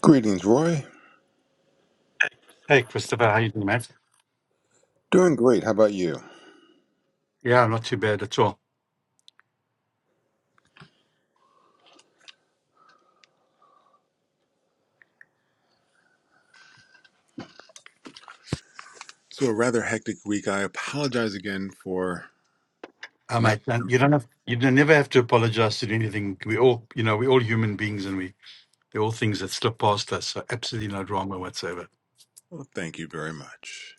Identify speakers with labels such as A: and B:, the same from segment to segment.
A: Greetings, Roy.
B: Hey, Christopher, how you doing, mate?
A: Doing great. How about you?
B: Yeah, not too bad at all.
A: So, a rather hectic week. I apologize again for
B: Uh,
A: not.
B: mate, man, you don't have, you don't, never have to apologize to do anything. We all, you know, we're all human beings, and we they're all things that slip past us. So absolutely no drama whatsoever.
A: Well, thank you very much.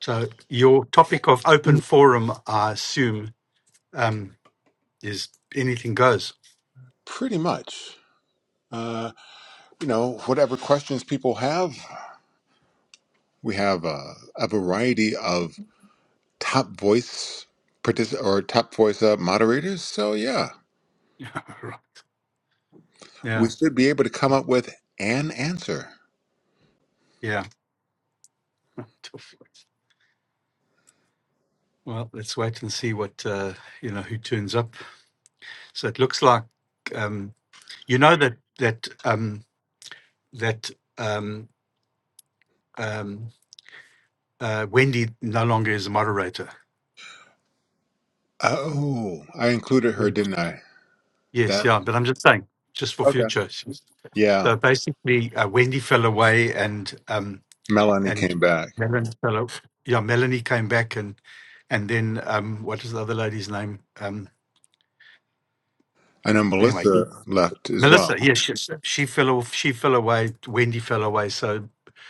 B: So your topic of open forum, I assume, um, is anything goes.
A: Pretty much. Uh, you know, whatever questions people have, we have uh, a variety of top voice partic- or top voice uh, moderators. So, yeah,
B: yeah,
A: we should be able to come up with an answer.
B: yeah. Tough. Well, let's wait and see what uh, you know who turns up. So it looks like um, you know that that um, that um, um, Uh, Wendy no longer is a moderator.
A: Oh, I included
B: Yeah.
A: her, didn't I?
B: Yes,
A: That
B: yeah, but I'm just saying, just for
A: okay.
B: future. she's-
A: Yeah,
B: So basically, uh, Wendy fell away, and um,
A: Melanie
B: and
A: came back.
B: Melanie fell. o- Yeah, Melanie came back, and and then um, what is the other lady's name? Um,
A: I know
B: anyway,
A: Melissa left as
B: Melissa.
A: well.
B: Yes, she, she fell off. She fell away. Wendy fell away. So,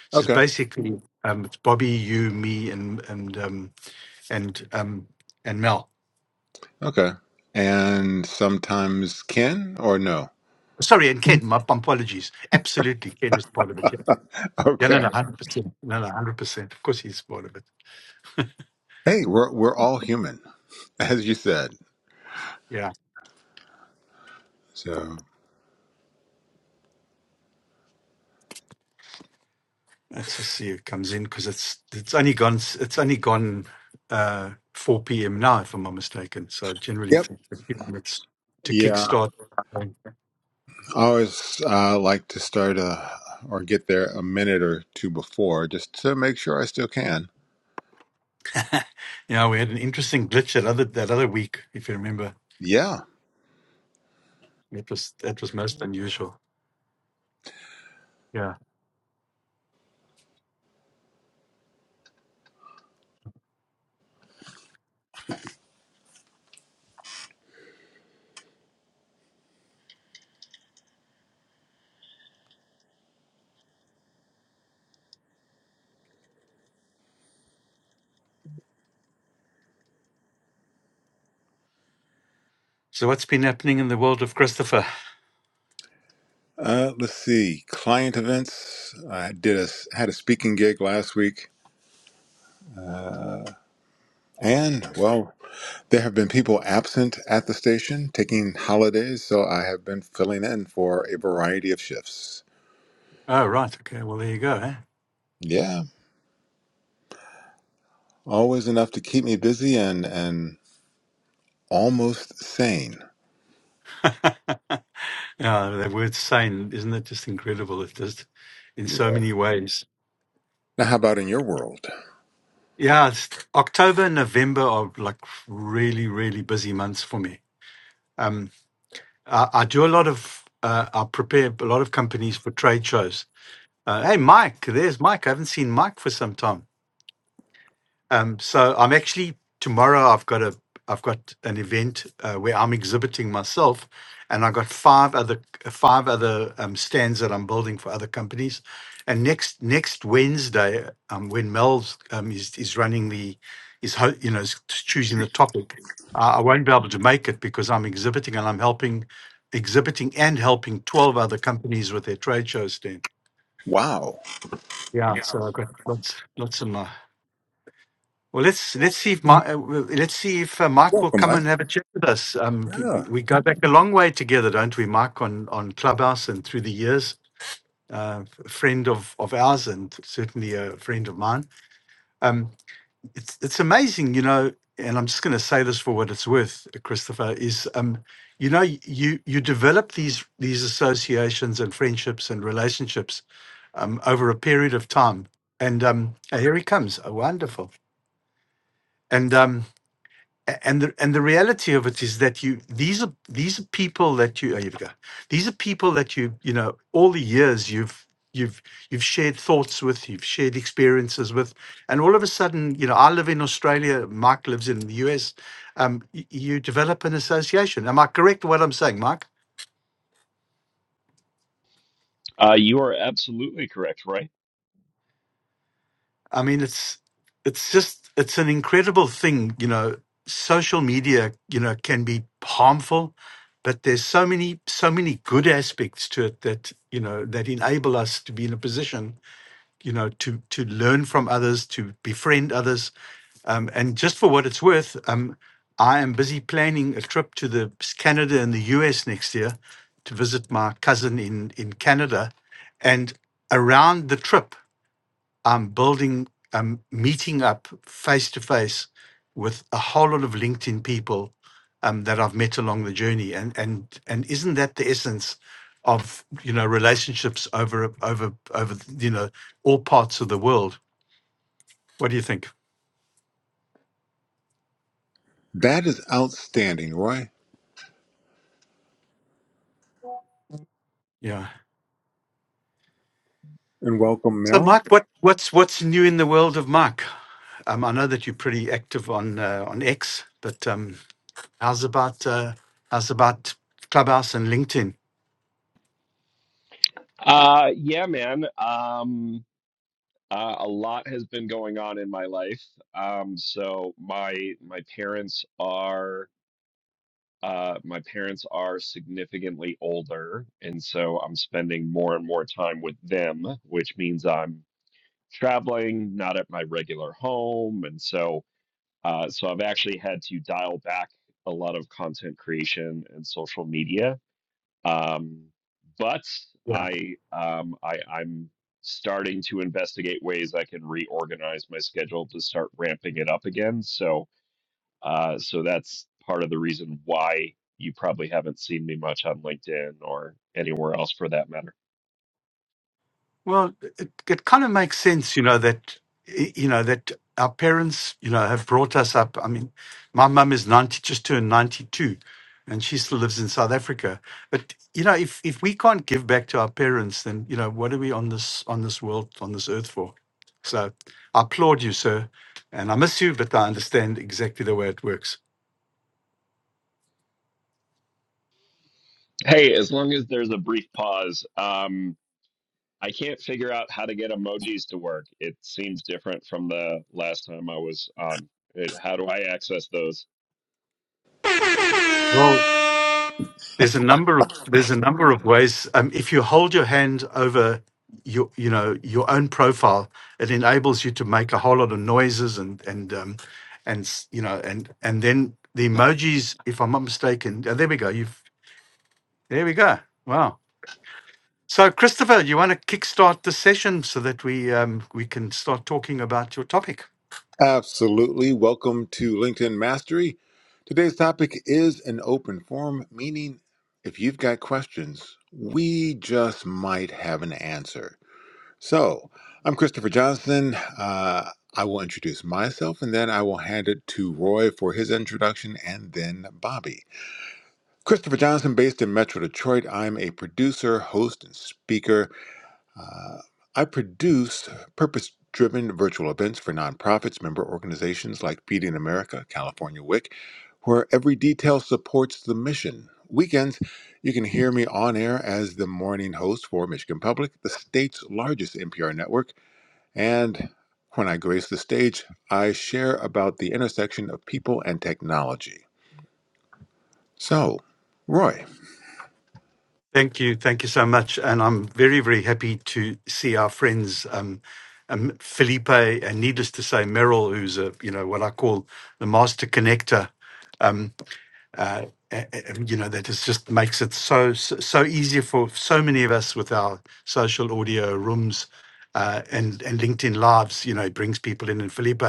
B: so it's
A: Okay.
B: basically um, it's Bobby, you, me, and and um, and um, and Mel.
A: Okay. And sometimes can or no.
B: Sorry, and Ken. My apologies. Absolutely, Ken is part of it. yeah. Yeah, no,
A: Okay.
B: no, hundred percent. No, no, hundred percent. Of course, he's part of it.
A: Hey, we're we're all human, as you said.
B: Yeah,
A: So
B: let's just see who comes in because it's it's only gone s- it's only gone uh, four p.m. now, if I'm not mistaken. So it generally
A: Yep.
B: takes a few minutes to
A: Yeah.
B: kickstart.
A: I always uh, like to start a, or get there a minute or two before just to make sure I still can.
B: yeah, we had an interesting glitch that other that other week, if you remember.
A: Yeah.
B: It was that was most unusual. Yeah. So what's been happening in the world of Christopher?
A: Uh, let's see. Client events. I did a had a speaking gig last week. And well, there have been people absent at the station taking holidays, so I have been filling in for a variety of shifts.
B: Oh, right. Okay. Well, there you go. Eh?
A: Yeah, always enough to keep me busy and and almost sane.
B: yeah, the word "sane" isn't it just incredible? It just in
A: Yeah.
B: so many ways.
A: Now, how about in your world?
B: Yeah, it's October and November are like really, really busy months for me. Um, I, I do a lot of, uh, I prepare a lot of companies for trade shows. Uh, hey, Mike, there's Mike. I haven't seen Mike for some time. Um, so I'm actually tomorrow. I've got a I've got an event uh, where I'm exhibiting myself, and I've got five other five other um, stands that I'm building for other companies. And next next Wednesday, um, when Mel's um, is is running the is ho- you know is choosing the topic, uh, I won't be able to make it because I'm exhibiting and I'm helping exhibiting and helping 12 other companies with their trade show stand.
A: Wow.
B: Yeah,
A: Yeah.
B: so I've got lots lots in my well, let's let's see if Mark, uh, well, let's see if uh, Mike will
A: Welcome,
B: come
A: Mike.
B: and have a chat with us. Um, we, we
A: Yeah.
B: go back a long way together, don't we, Mike? On on Clubhouse and through the years, uh, f- friend of of ours and certainly a friend of mine. Um, it's it's amazing, you know. And I'm just going to say this for what it's worth, Christopher. Is um, you know, you you develop these these associations and friendships and relationships um, over a period of time. And um, oh, here he comes. Oh, wonderful. And um, A- and the and the reality of it is that you these are these are people that you oh, here we go these are people that you you know all the years you've you've you've shared thoughts with you've shared experiences with and all of a sudden you know I live in Australia Mike lives in the US um, y- you develop an association am I correct in what I'm saying Mike
C: Uh, you are absolutely correct, Roy.
B: I mean, it's it's just it's an incredible thing, you know. Social media, you know, can be harmful, but there's so many so many good aspects to it that you know that enable us to be in a position, you know, to to learn from others, to befriend others, um, and just for what it's worth, um, I am busy planning a trip to the s- Canada and the US next year to visit my cousin in in Canada, and around the trip. I'm building, I'm meeting up face to face with a whole lot of LinkedIn people um, that I've met along the journey, and and and isn't that the essence of you know relationships over over over you know all parts of the world? What do you think?
A: That is outstanding, Roy.
B: Yeah.
A: And welcome,
B: So,
A: Merrill.
B: Mike, what what's what's new in the world of Mike? Um, I know that you're pretty active on uh, on X, but um, how's about uh, how's about Clubhouse and LinkedIn?
C: Uh, yeah, man. Um, uh, a lot has been going on in my life. Um, so my my parents are uh, my parents are significantly older, and so I'm spending more and more time with them, which means I'm traveling, not at my regular home, and so uh, so I've actually had to dial back a lot of content creation and social media Um, but I, um, I, I'm starting to investigate ways I can reorganize my schedule to start ramping it up again. So, uh, so that's part of the reason why you probably haven't seen me much on LinkedIn or anywhere else for that matter.
B: Well, it, it kind of makes sense, you know, that, y- you know, that our parents, you know, have brought us up. I mean, my mum is 90, just turned 92, and she still lives in South Africa. But, you know, if, if we can't give back to our parents, then, you know, what are we on this, on this world, on this earth for? So I applaud you, sir. And I miss you, but I understand exactly the way it works.
C: Hey, as long as there's a brief pause, um, I can't figure out how to get emojis to work. It seems different from the last time I was on. It, how do I access those?
B: there's a number of there's a number of ways. Um, if you hold your hand over your you know your own profile, it enables you to make a whole lot of noises and and um, and s- you know and and then the emojis. If I'm not mistaken, oh, there we go. You've there we go. Wow. So Christopher, you want to kickstart the session so that we um, we can start talking about your topic?
A: Absolutely. Welcome to LinkedIn Mastery. Today's topic is an open forum, meaning if you've got questions, we just might have an answer. So, I'm Christopher Johnson. Uh, I will introduce myself and then I will hand it to Roy for his introduction and then Bobby. Christopher Johnson, based in Metro Detroit, I'm a producer, host, and speaker. Uh, I produce purpose driven virtual events for nonprofits, member organizations like PD in America, California WIC, where every detail supports the mission. Weekends, you can hear me on air as the morning host for Michigan Public, the state's largest NPR network and when I grace the stage, I share about the intersection of people and technology. So, Roy.
B: Thank you. Thank you so much. And I'm very, very happy to see our friends, um, um, Felipe, and needless to say, Merrill, who's a, you know, what I call the master connector. um, uh, a- a- um, you know that is just makes it so so so easier for so many of us with our social audio rooms uh, and and LinkedIn lives. You know, it brings people in. And Felipe,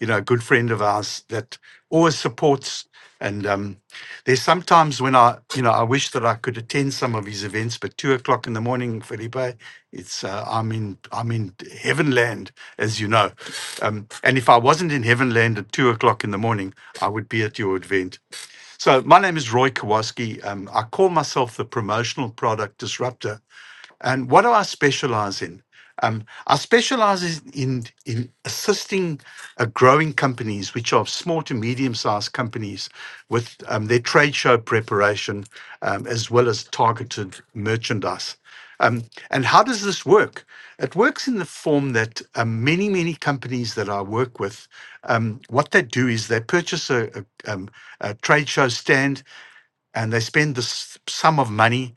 B: you know, a good friend of ours that always supports. And um, there's sometimes when I you know I wish that I could attend some of his events, but two o'clock in the morning, Felipe, it's uh, I'm in I'm in heaven land, as you know. Um, and if I wasn't in heaven land at two o'clock in the morning, I would be at your event. So my name is Roy Kowalski. Um, I call myself the promotional product disruptor and what do I specialize in? Um, I specialize in, in in assisting uh, growing companies, which are small to medium sized companies, with um, their trade show preparation um, as well as targeted merchandise. Um, and how does this work? It works in the form that um, many, many companies that I work with, um, what they do is they purchase a, a, um, a trade show stand and they spend this sum of money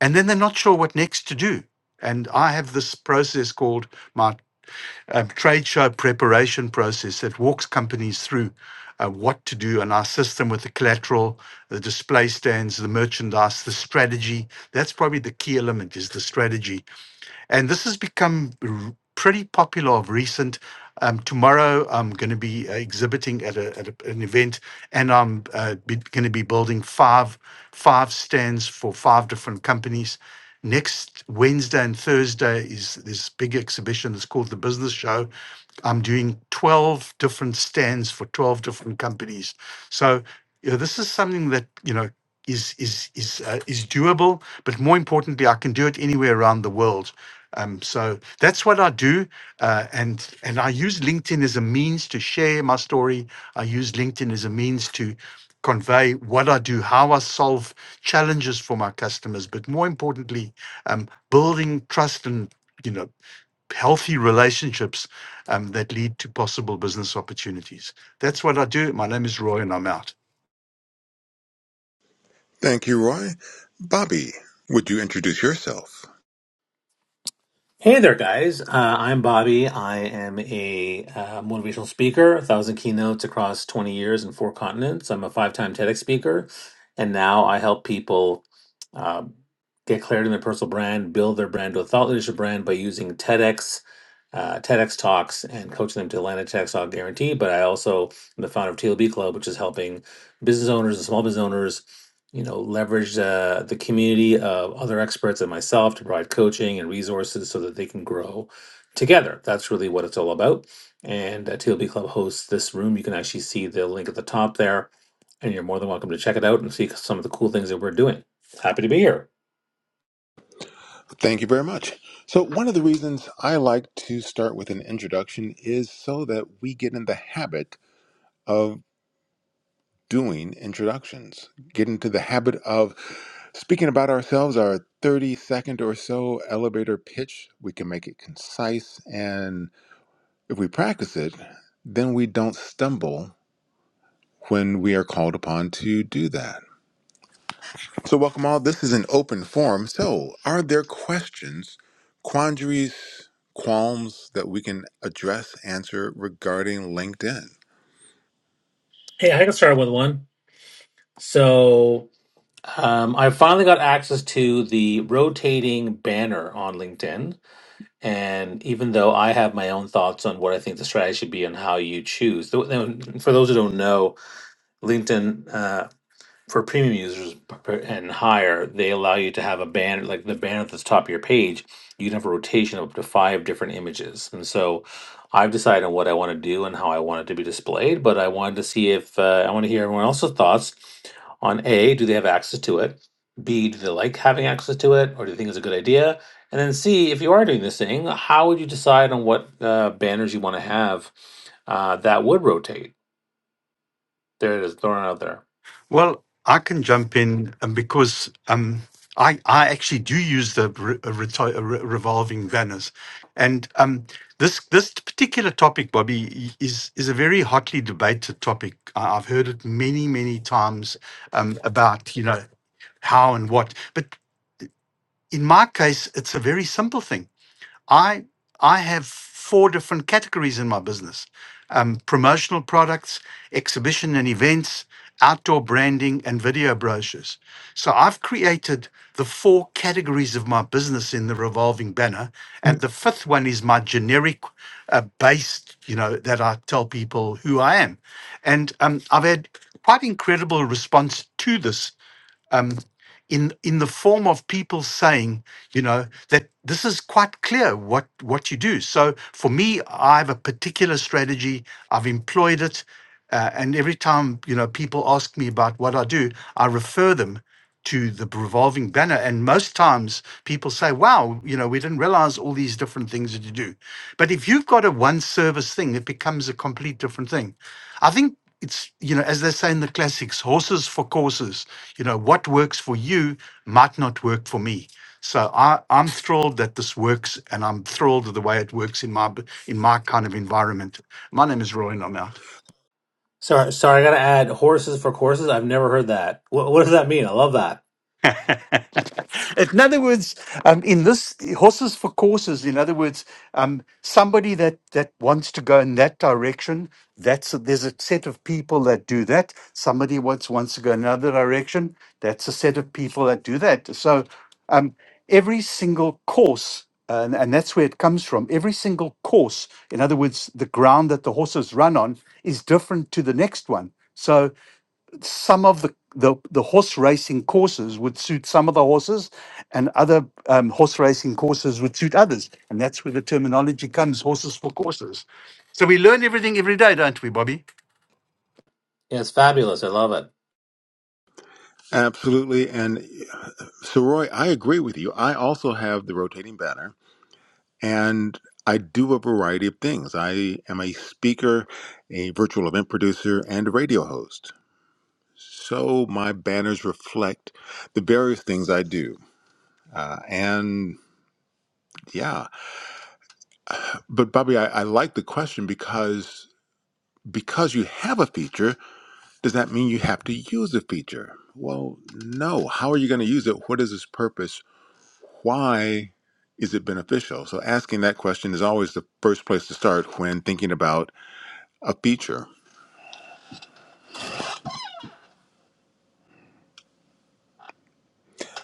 B: and then they're not sure what next to do. And I have this process called my um, trade show preparation process that walks companies through uh, what to do, and I assist them with the collateral, the display stands, the merchandise, the strategy. That's probably the key element is the strategy and this has become r- pretty popular of recent. Um, tomorrow, I'm going to be uh, exhibiting at, a, at a, an event, and I'm uh, going to be building five five stands for five different companies. Next Wednesday and Thursday is this big exhibition. It's called the Business Show. I'm doing 12 different stands for 12 different companies. So you know, this is something that you know is is is uh, is doable, but more importantly, I can do it anywhere around the world. Um, so that's what I do, uh, and and I use LinkedIn as a means to share my story. I use LinkedIn as a means to convey what I do, how I solve challenges for my customers, but more importantly, um, building trust and you know healthy relationships um, that lead to possible business opportunities. That's what I do. My name is Roy, and I'm out.
A: Thank you, Roy. Bobby, would you introduce yourself?
D: Hey there, guys. Uh, I'm Bobby. I am a uh, motivational speaker, a thousand keynotes across 20 years and four continents. I'm a five time TEDx speaker, and now I help people uh, get clarity in their personal brand, build their brand to a thought leadership brand by using TEDx, uh, TEDx talks, and coaching them to land a TEDx talk guarantee. But I also am the founder of TLB Club, which is helping business owners and small business owners you know, leverage uh, the community of other experts and myself to provide coaching and resources so that they can grow together. That's really what it's all about. And uh, TLB Club hosts this room. You can actually see the link at the top there, and you're more than welcome to check it out and see some of the cool things that we're doing. Happy to be here.
A: Thank you very much. So, one of the reasons I like to start with an introduction is so that we get in the habit of doing introductions, get into the habit of speaking about ourselves, our 30 second or so elevator pitch. We can make it concise and. If we practice it, then we don't stumble when we are called upon to do that. So, welcome all. This is an open forum. So, are there questions, quandaries, qualms that we can address, answer regarding LinkedIn?
D: Hey, I can start with one. So um, I finally got access to the rotating banner on LinkedIn. And even though I have my own thoughts on what I think the strategy should be and how you choose, th- th- for those who don't know, LinkedIn. uh, for premium users and higher, they allow you to have a banner, like the banner at the top of your page, you can have a rotation of up to five different images. And so I've decided on what I want to do and how I want it to be displayed, but I wanted to see if uh, I want to hear everyone else's thoughts on A, do they have access to it? B, do they like having access to it or do they think it's a good idea? And then C, if you are doing this thing, how would you decide on what uh, banners you want to have uh, that would rotate? There it is, thrown out there.
B: Well, I can jump in um, because um, I I actually do use the re- uh, reti- uh, re- revolving banners, and um, this this particular topic, Bobby, i- is is a very hotly debated topic. I- I've heard it many many times um, about you know how and what, but in my case, it's a very simple thing. I I have four different categories in my business: um, promotional products, exhibition and events, outdoor branding, and video brochures. So I've created the four categories of my business in the revolving banner, and the fifth one is my generic uh, based, you know, that I tell people who I am, and um, I've had quite incredible response to this. um, in in the form of people saying, you know, that this is quite clear what what you do. So for me, I have a particular strategy. I've employed it, uh, and every time you know people ask me about what I do, I refer them to the revolving banner. And most times people say, "Wow, you know, we didn't realize all these different things that you do." But if you've got a one service thing, it becomes a complete different thing. I think. It's, you know, as they say in the classics, horses for courses you know what works for you might not work for me so I, i'm thrilled that this works and i'm thrilled with the way it works in my b- in my kind of environment my name is roy and i'm out
D: Sorry, sorry, I gotta add horses for courses. I've never heard that. What, what does that mean? I love that.
B: in other words, um, in this horses for courses, in other words, um, somebody that, that wants to go in that direction, that's there's a set of people that do that. Somebody wants wants to go another direction, that's a set of people that do that. So um, every single course, Uh, and, and that's where it comes from. Every single course, in other words, the ground that the horses run on is different to the next one. So some of the, the the horse racing courses would suit some of the horses, and other um, horse racing courses would suit others, and that's where the terminology comes: horses for courses. So we learn everything every day, don't we, Bobby?
D: Yeah, it's fabulous. I love it.
A: Absolutely. And uh, Soroy, I agree with you. I also have the rotating banner and I do a variety of things. I am a speaker, a virtual event producer, and a radio host. so my banners reflect the various things I do. Uh, and yeah, but Bobby, I, I like the question because because you have a feature, does that mean you have to use a feature? Well, no. How are you going to use it? What is its purpose? Why is it beneficial? So asking that question is always the first place to start when thinking about a feature.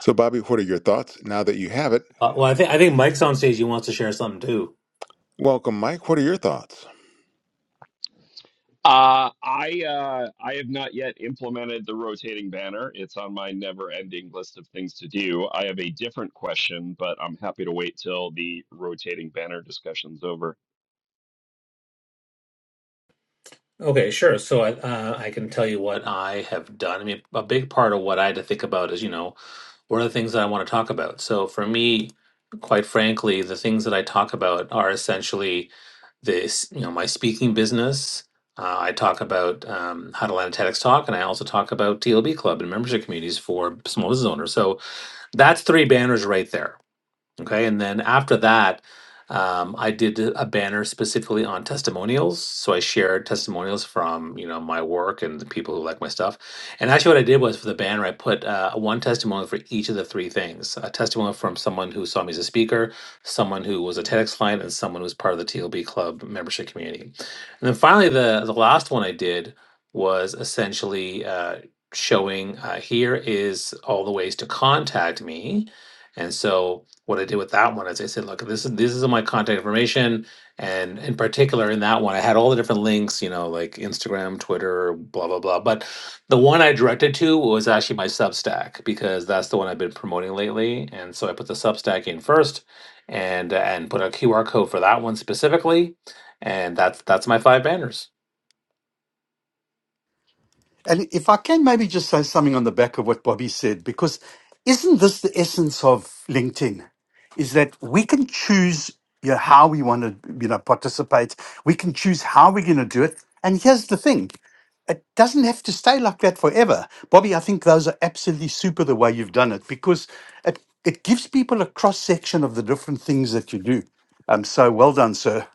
A: So Bobby, what are your thoughts now that you have it?
D: Uh, well, I think I think Mike's on stage. He wants to share something too.
A: Welcome, Mike. What are your thoughts?
C: Uh, I uh, I have not yet implemented the rotating banner. It's on my never-ending list of things to do. I have a different question, but I'm happy to wait till the rotating banner discussion's over.
D: Okay, sure. So I uh, I can tell you what I have done. I mean, a big part of what I had to think about is you know what are the things that I want to talk about. So for me, quite frankly, the things that I talk about are essentially this you know my speaking business. Uh, I talk about um, how to land a TEDx talk, and I also talk about TLB Club and membership communities for small business owners. So That's three banners right there. Okay. And then after that, um, I did a banner specifically on testimonials. So I shared testimonials from, you know, my work and the people who like my stuff. And actually, what I did was for the banner, I put uh, one testimonial for each of the three things a testimonial from someone who saw me as a speaker, someone who was a TEDx client, and someone who was part of the TLB Club membership community. And then finally, the, the last one I did was essentially uh, showing uh, here is all the ways to contact me. And so what I did with that one is I said, look, this is this is my contact information, and in particular in that one, I had all the different links, you know, like Instagram, Twitter, blah blah blah. But the one I directed to was actually my Substack because that's the one I've been promoting lately, and so I put the Substack in first, and and put a QR code for that one specifically, and that's that's my five banners.
B: And if I can maybe just say something on the back of what Bobby said, because isn't this the essence of LinkedIn? Is that we can choose you know, how we want to you know participate. We can choose how we're going to do it. And here's the thing: it doesn't have to stay like that forever. Bobby, I think those are absolutely super the way you've done it because it it gives people a cross section of the different things that you do. Um, so well done, sir.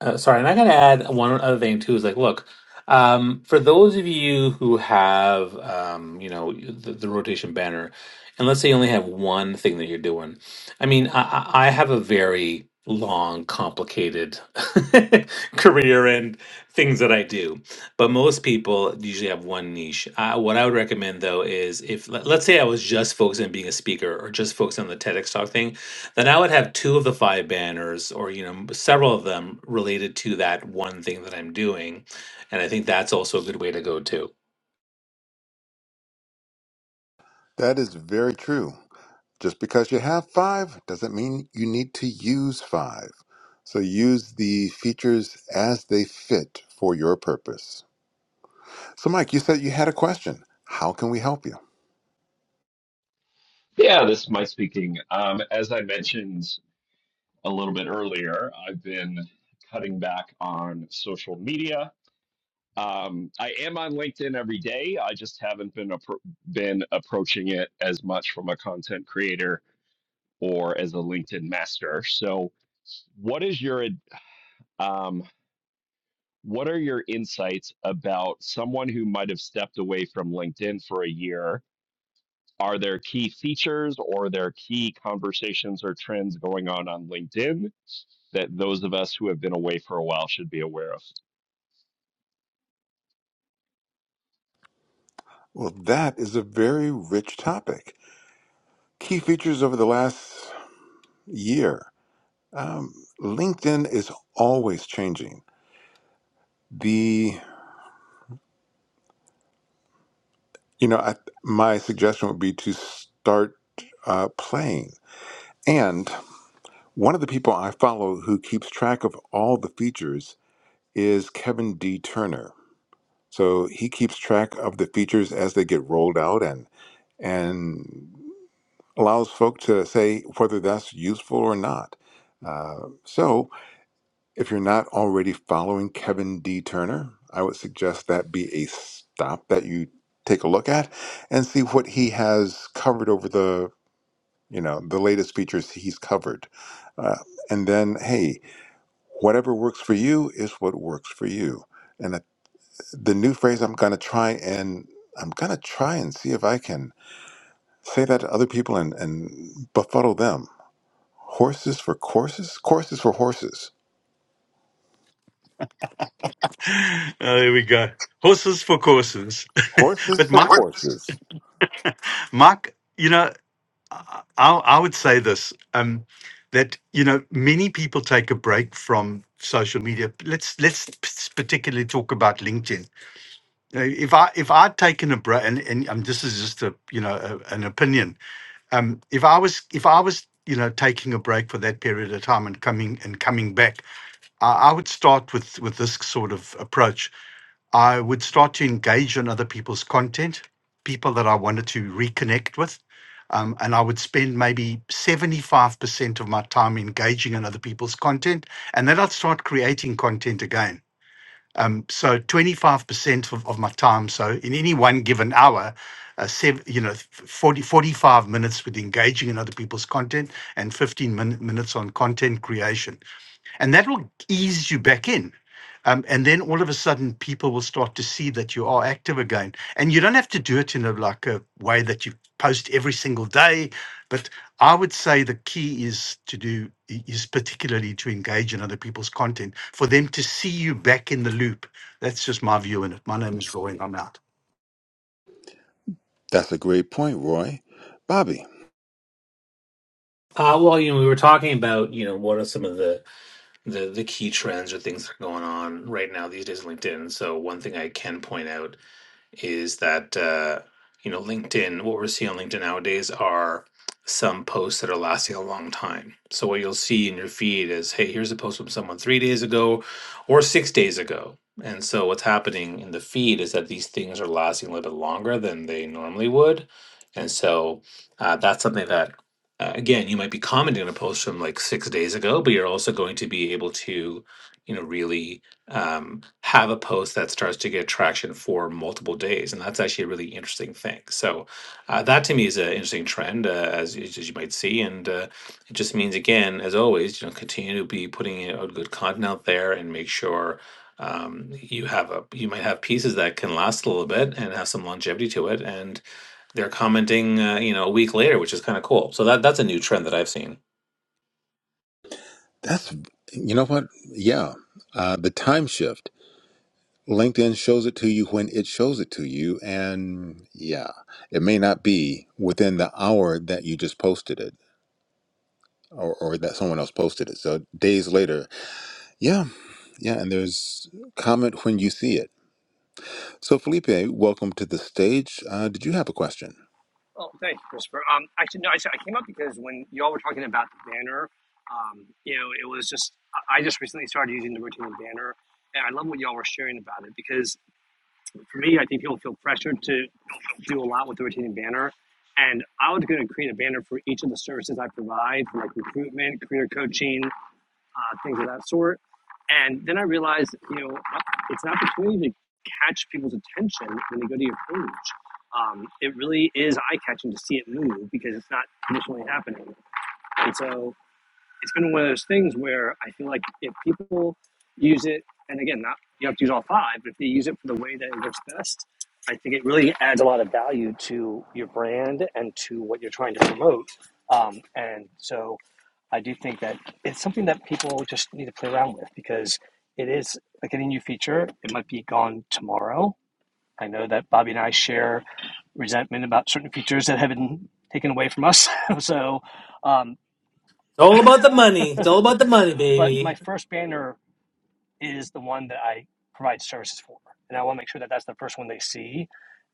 D: Uh, sorry, and I gotta add one other thing too. Is like, look, um, for those of you who have, um, you know, the, the rotation banner, and let's say you only have one thing that you're doing. I mean, I, I I have a very long, complicated career and things that I do, but most people usually have one niche. Uh, what I would recommend though is if let- let's say I was just focused on being a speaker or just focused on the TEDx talk thing, then I would have two of the five banners, or you know, several of them related to that one thing that I'm doing, and I think that's also a good way to go too.
A: That is very true. Just because you have five doesn't mean you need to use five. So use the features as they fit for your purpose. So, Mike, you said you had a question. How can we help you?
C: Yeah, this is my speaking. Um, as I mentioned a little bit earlier, I've been cutting back on social media. Um, I am on LinkedIn every day. I just haven't been appro been approaching it as much from a content creator or as a LinkedIn master. So what is your ad- um, what are your insights about someone who might have stepped away from linkedin for a year are there key features or there key conversations or trends going on on linkedin that those of us who have been away for a while should be aware of
A: Well, that is a very rich topic. Key features over the last year. Um, LinkedIn is always changing. The you know I, my suggestion would be to start uh, playing. And one of the people I follow who keeps track of all the features is Kevin D. Turner. So he keeps track of the features as they get rolled out and and allows folk to say whether that's useful or not. Uh, so if you're not already following Kevin D. Turner, I would suggest that be a stop that you take a look at and see what he has covered over the you know the latest features he's covered. Uh, and then hey, whatever works for you is what works for you. and. I the new phrase I'm gonna try and I'm gonna try and see if I can say that to other people and, and befuddle them. Horses for courses? Courses for horses.
B: Oh, there we go. Horses for courses.
A: Horses
B: but
A: for
B: my
A: courses.
B: Mark, you know, I, I would say this um, that you know many people take a break from social media. Let's let's particularly talk about LinkedIn. You If I if I'd taken a break, and, and um, this is just a you know a, an opinion. Um, if I was if I was you know taking a break for that period of time and coming and coming back, I, I would start with with this sort of approach. I would start to engage on other people's content, people that I wanted to reconnect with. Um, and I would spend maybe 75% of my time engaging in other people's content. And then I'd start creating content again. Um, So 25% of, of my time. So in any one given hour, uh, sev- you know, 40 45 minutes with engaging in other people's content and 15 min- minutes on content creation and that will ease you back in. Um, and then all of a sudden, people will start to see that you are active again, and you don't have to do it in a like a way that you post every single day. But I would say the key is to do is particularly to engage in other people's content for them to see you back in the loop. That's just my view in it. My name is Roy. and I'm out.
A: That's a great point, Roy. Bobby,
D: Uh, well, you know, we were talking about you know what are some of the, the the key trends or things that are going on right now these days on LinkedIn. So one thing I can point out is that uh, you know LinkedIn. What we're seeing on LinkedIn nowadays are some posts that are lasting a long time. So what you'll see in your feed is, hey, here's a post from someone three days ago or six days ago. And so what's happening in the feed is that these things are lasting a little bit longer than they normally would. And so uh, that's something that, uh, again, you might be commenting on a post from like six days ago, but you're also going to be able to, you know, really um, have a post that starts to get traction for multiple days, and that's actually a really interesting thing. So uh, that to me is an interesting trend, uh, as, you- as you might see, and uh, it just means again, as always, you know, continue to be putting out good content out there and make sure um, you have a you might have pieces that can last a little bit and have some longevity to it, and they're commenting, uh, you know, a week later, which is kind of cool. So that that's a new trend that I've seen.
A: that's you know what? Yeah. Uh, the time shift. LinkedIn shows it to you when it shows it to you, and yeah, it may not be within the hour that you just posted it or, or that someone else posted it. So days later, yeah. Yeah, and there's comment when you see it. So, Felipe, welcome to the stage. Uh, did you have a question?
E: Oh, thanks, Christopher. Um, actually, no, I, said- I came up because when y'all were talking about the banner, um, you know, it was just, I I just recently started using the rotating banner, and I love what y'all were sharing about it because for me, I think people feel pressured to do a lot with the rotating banner. And I was going to create a banner for each of the services I provide, for like recruitment, career coaching, uh, things of that sort. And then I realized, you know, uh, it's an opportunity to catch people's attention when they go to your page. Um, it really is eye catching to see it move because it's not traditionally happening. And so it's been one of those things where I feel like if people use it, and again, not you have to use all five, but if they use it for the way that it works best, I think it really adds a lot of value to your brand and to what you're trying to promote. Um, and so I do think that it's something that people just need to play around with because it is like any new feature, it might be gone tomorrow. I know that Bobby and I share resentment about certain features that have been taken away from us. so, um, but my first banner is the one that I provide services for, and I want to make sure that that's the first one they see,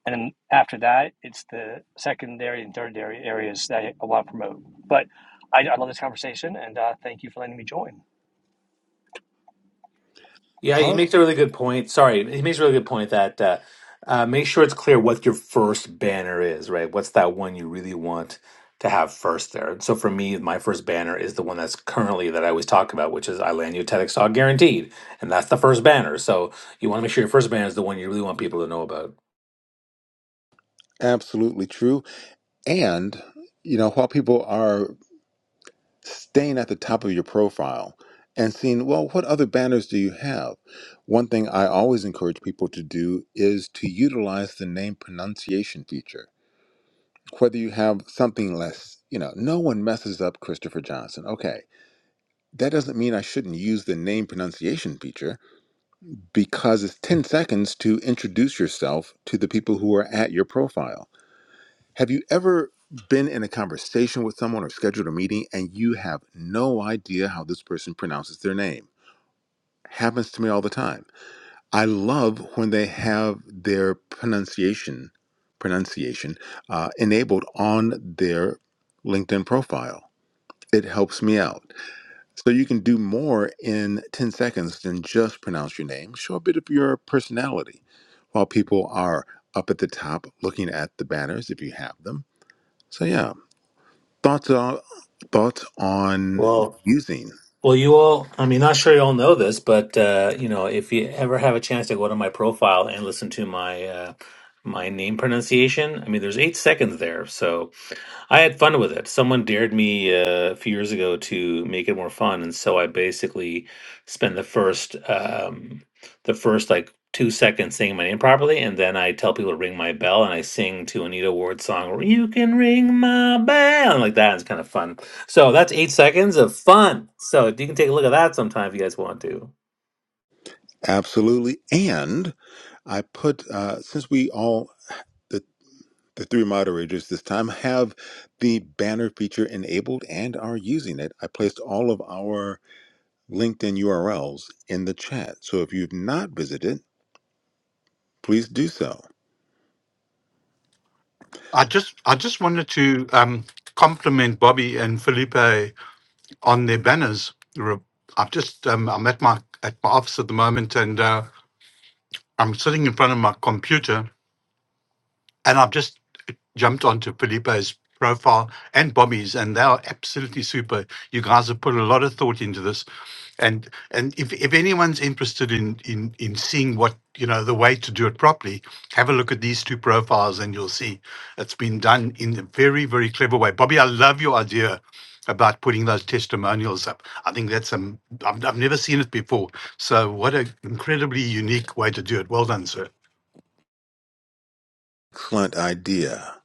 E: and then after that, it's the secondary and tertiary areas that I want to promote. But I, I love this conversation, and uh, thank you for letting me join.
D: Yeah, he
A: are
D: makes a really good point. Sorry, he makes a really good point that uh, uh, make sure it's clear what your first banner is, right? What's that one you really want to have first there? So for me, my first banner is the one that's currently that I always talk about, which is I land you TEDx talk guaranteed, and that's the first banner. So you want to make sure your first banner is the one you really want people to know about.
A: absolutely true. And, you know, while people are staying at the top of your profile and seeing, well, what other banners do you have? One thing I always encourage people to do is to utilize the name pronunciation feature. Whether you have something less, you know, no one messes up Christopher Johnson. Okay that doesn't mean I shouldn't use the name pronunciation feature because it's 10 seconds to introduce yourself to the people who are at your profile. Have you ever been in a conversation with someone or scheduled a meeting and you have no idea how this person pronounces their name? Happens to me all the time. I love when they have their pronunciation pronunciation uh, enabled on their LinkedIn profile. It helps me out So you can do more in 10 seconds than just pronounce your name. Show a bit of your personality while people are up at the top looking at the banners if you have them. So yeah, thoughts on thoughts on
D: Well,
A: using
D: well, you all. I mean, not sure you all know this, but uh, you know, if you ever have a chance to go to my profile and listen to my uh, my name pronunciation, I mean, there's eight seconds there, so I had fun with it. Someone dared me uh, a few years ago to make it more fun, and so I basically spend the first um, the first like two seconds saying my name properly, and then I tell people to ring my bell, and I sing to Anita Ward's song "You Can Ring My Bell" and like that. It's kind of fun. So that's eight seconds of fun. So you can take a look at that sometime if you guys want to.
A: absolutely. And I put uh, since we all the the three moderators this time have the banner feature enabled and are using it. I placed all of our LinkedIn URLs in the chat. So if you've not visited, please do so.
B: I just I just wanted to um, compliment Bobby and Felipe on their banners. Re- I've just um, I'm at my at my office at the moment, and uh, I'm sitting in front of my computer, and I've just jumped onto Felipe's profile and Bobby's, and they are absolutely super. You guys have put a lot of thought into this, and and if, if anyone's interested in in in seeing what you know the way to do it properly, have a look at these two profiles, and you'll see it's been done in a very very clever way. Bobby, I love your idea about putting those testimonials up. I think that's um I've, I've never seen it before. So what an incredibly unique way to do it. Well done, sir.
A: Excellent idea.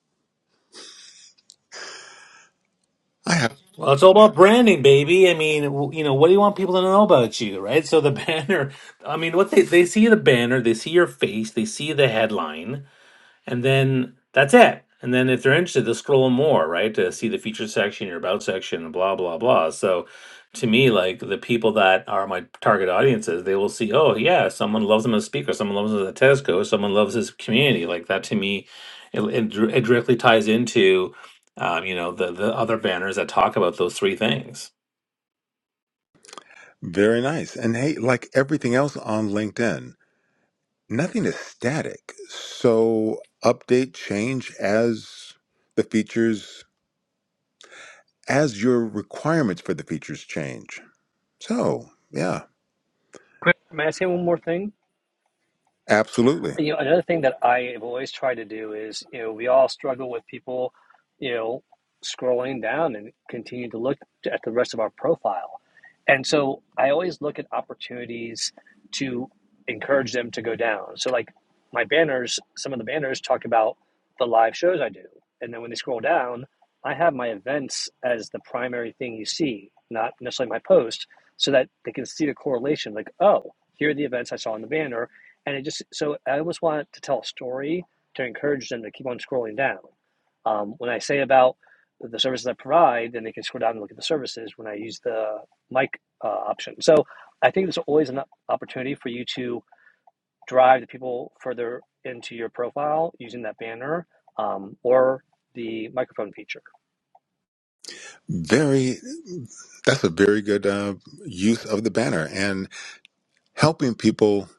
A: I have
D: Well, it's all about branding, baby. I mean, w- you know, what do you want people to know about you, right? So the banner, I mean, what they they see the banner, they see your face, they see the headline, and then that's it. And then if they're interested, they'll scroll more, right? To see the feature section, your about section, and blah, blah, blah. So to me, like the people that are my target audiences, they will see, oh yeah, someone loves them as a speaker, someone loves them as a test coach, someone loves his community. Like that to me, it, it, dir- it directly ties into, um, you know, the the other banners that talk about those three things.
A: very nice. And hey, like everything else on LinkedIn, nothing is static. So update, change as the features, as your requirements for the features change. So yeah,
E: Quick, may I say one more thing?
A: absolutely.
E: You know, another thing that I have always tried to do is, you know, we all struggle with people, you know, scrolling down and continue to look at the rest of our profile And so I always look at opportunities to encourage them to go down. So like my banners, some of the banners talk about the live shows I do. And then when they scroll down, I have my events as the primary thing you see, not necessarily my post, so that they can see the correlation like, oh, here are the events I saw on the banner. And it just so I always want to tell a story to encourage them to keep on scrolling down. Um, when I say about the services I provide, then they can scroll down and look at the services when I use the mic uh, option. So I think there's always an opportunity for you to drive the people further into your profile using that banner um, or the microphone feature.
A: Very, that's a very good uh, use of the banner and helping people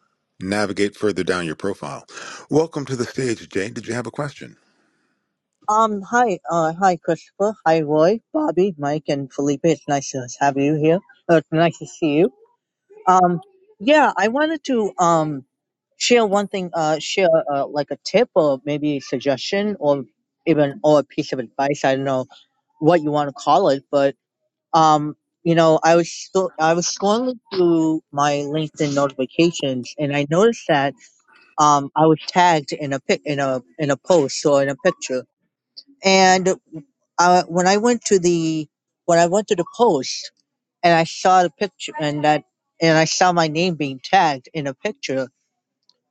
A: navigate further down your profile. Welcome to the stage, Jay. Did you have a question?
F: Um, hi, uh, hi, Christopher, hi, Roy, Bobby, Mike, and Felipe. It's nice to have you here. Uh, it's nice to see you. Um, yeah, I wanted to um share one thing. Uh, share uh, like a tip or maybe a suggestion or even or a piece of advice. I don't know what you want to call it, but um, you know, I was still I was scrolling through my LinkedIn notifications, and I noticed that um I was tagged in a pic in a in a post or in a picture. And uh, when I went to the when I went to the post and I saw the picture and that and I saw my name being tagged in a picture,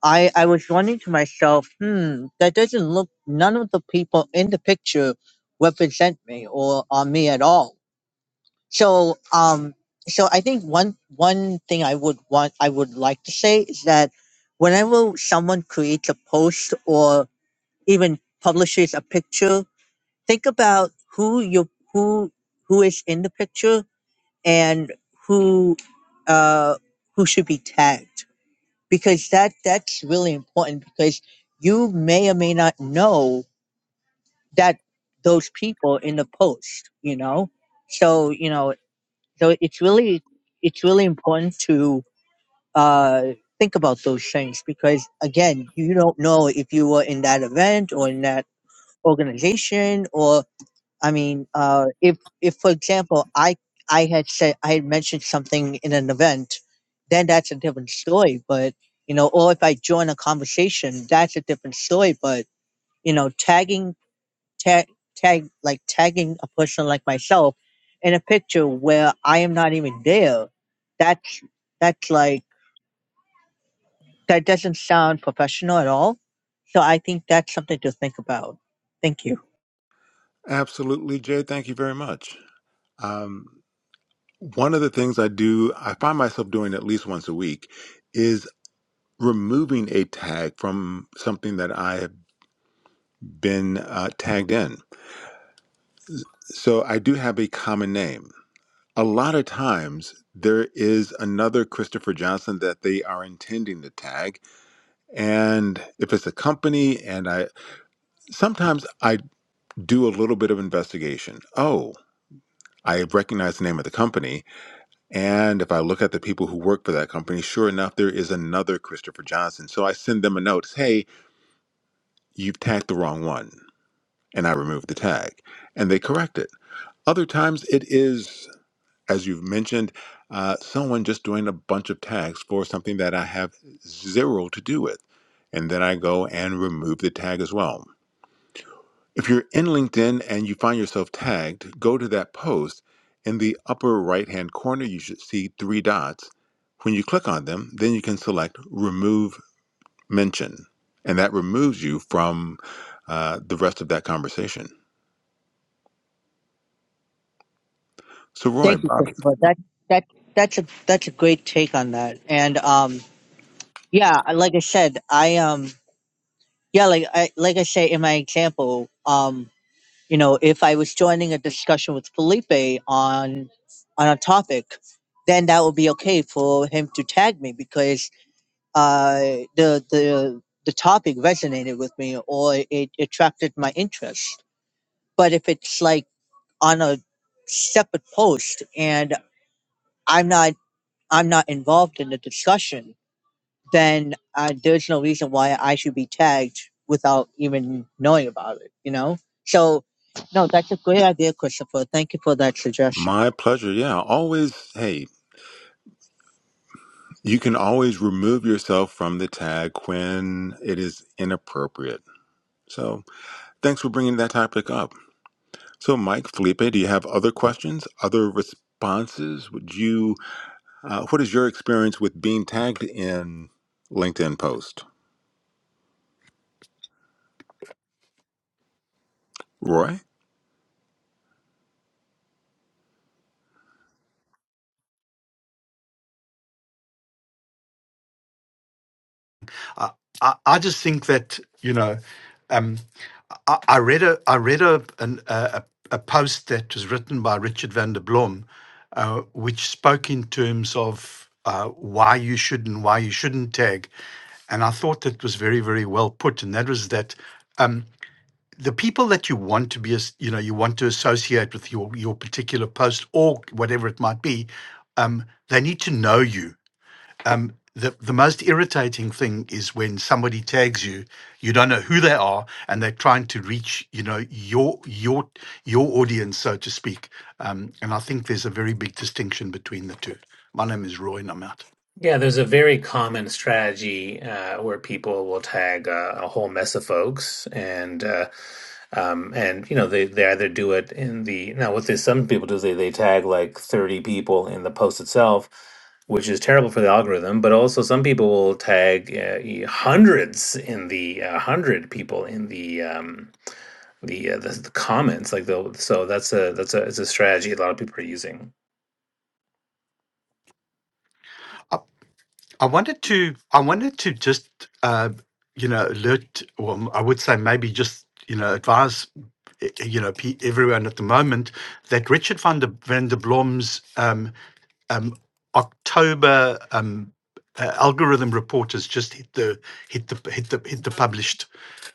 F: I I was wondering to myself, hmm, that doesn't look. None of the people in the picture represent me or are me at all. So um, so I think one one thing I would want I would like to say is that whenever someone creates a post or even publishes a picture think about who you who who is in the picture and who uh who should be tagged because that that's really important because you may or may not know that those people in the post you know so you know so it's really it's really important to uh think about those things because again you don't know if you were in that event or in that organization or. I mean, uh, if if for example, I I had said I had mentioned something in an event, then that's a different story. But you know, or if I join a conversation, that's a different story. But you know, tagging tag tag like tagging a person like myself in a picture where I am not even there, that's that's like that doesn't sound professional at all. So I think that's something to think about. Thank you.
A: Absolutely, Jay. Thank you very much. Um, one of the things I do, I find myself doing at least once a week, is removing a tag from something that I have been uh, tagged in. So I do have a common name. A lot of times there is another Christopher Johnson that they are intending to tag. And if it's a company, and I sometimes I do a little bit of investigation. Oh, I recognize the name of the company And if I look at the people who work for that company, sure enough, there is another Christopher Johnson. So I send them a note, hey, you've tagged the wrong one. And I remove the tag and they correct it. Other times it is, as you've mentioned, uh, someone just doing a bunch of tags for something that I have zero to do with. And then I go and remove the tag as well. If you're in LinkedIn and you find yourself tagged, go to that post. In the upper right hand corner, you should see three dots. When you click on them, then you can select Remove Mention, and that removes you from uh, the rest of that conversation. So, Roy,
F: Thank you,
A: Bob,
F: Christopher. That that that's a that's a great take on that. And um, yeah, like I said, I um, yeah, like I like I say in my example, um, you know, if I was joining a discussion with Felipe on on a topic, then that would be okay for him to tag me because uh, the the the topic resonated with me or it attracted my interest. But if it's like on a separate post and I'm not I'm not involved in the discussion, then uh, there's no reason why I should be tagged without even knowing about it, you know? So, no, that's a great idea, Christopher. Thank you for that suggestion.
A: my pleasure. Yeah, always, hey, you can always remove yourself from the tag when it is inappropriate. So, thanks for bringing that topic up. So, Mike, Felipe, do you have other questions, other responses? Would you, uh, what is your experience with being tagged in LinkedIn post? Roy?
B: I, I, I just think that you know, um, I, I read a I read a, an, a a a post that was written by Richard van der Blom, uh, which spoke in terms of uh, why you should and why you shouldn't tag, and I thought that was very very well put, and that was that. Um, the people that you want to be, as you know, you want to associate with your your particular post or whatever it might be, um, they need to know you um, the the most irritating thing is when somebody tags you, you don't know who they are, and they're trying to reach you know your your your audience, so to speak. Um, and I think there's a very big distinction between the two. My name is Roy, and I'm out.
D: Yeah, there's a very common strategy uh, where people will tag uh, a whole mess of folks, and uh, um, and you know they, they either do it in the now what they, some people do is they, they tag like 30 people in the post itself, which is terrible for the algorithm. But also some people will tag uh, e- hundreds in the uh, hundred people in the um, the, uh, the the comments like the so that's a that's a it's a strategy a lot of people are using.
B: I, I wanted to I wanted to just uh, you know alert, or I would say maybe just you know advise eh, eh, you know pe- everyone at the moment that Richard van der van der Blom's um, um, October um, uh, algorithm report has just hit the hit the hit the hit the published,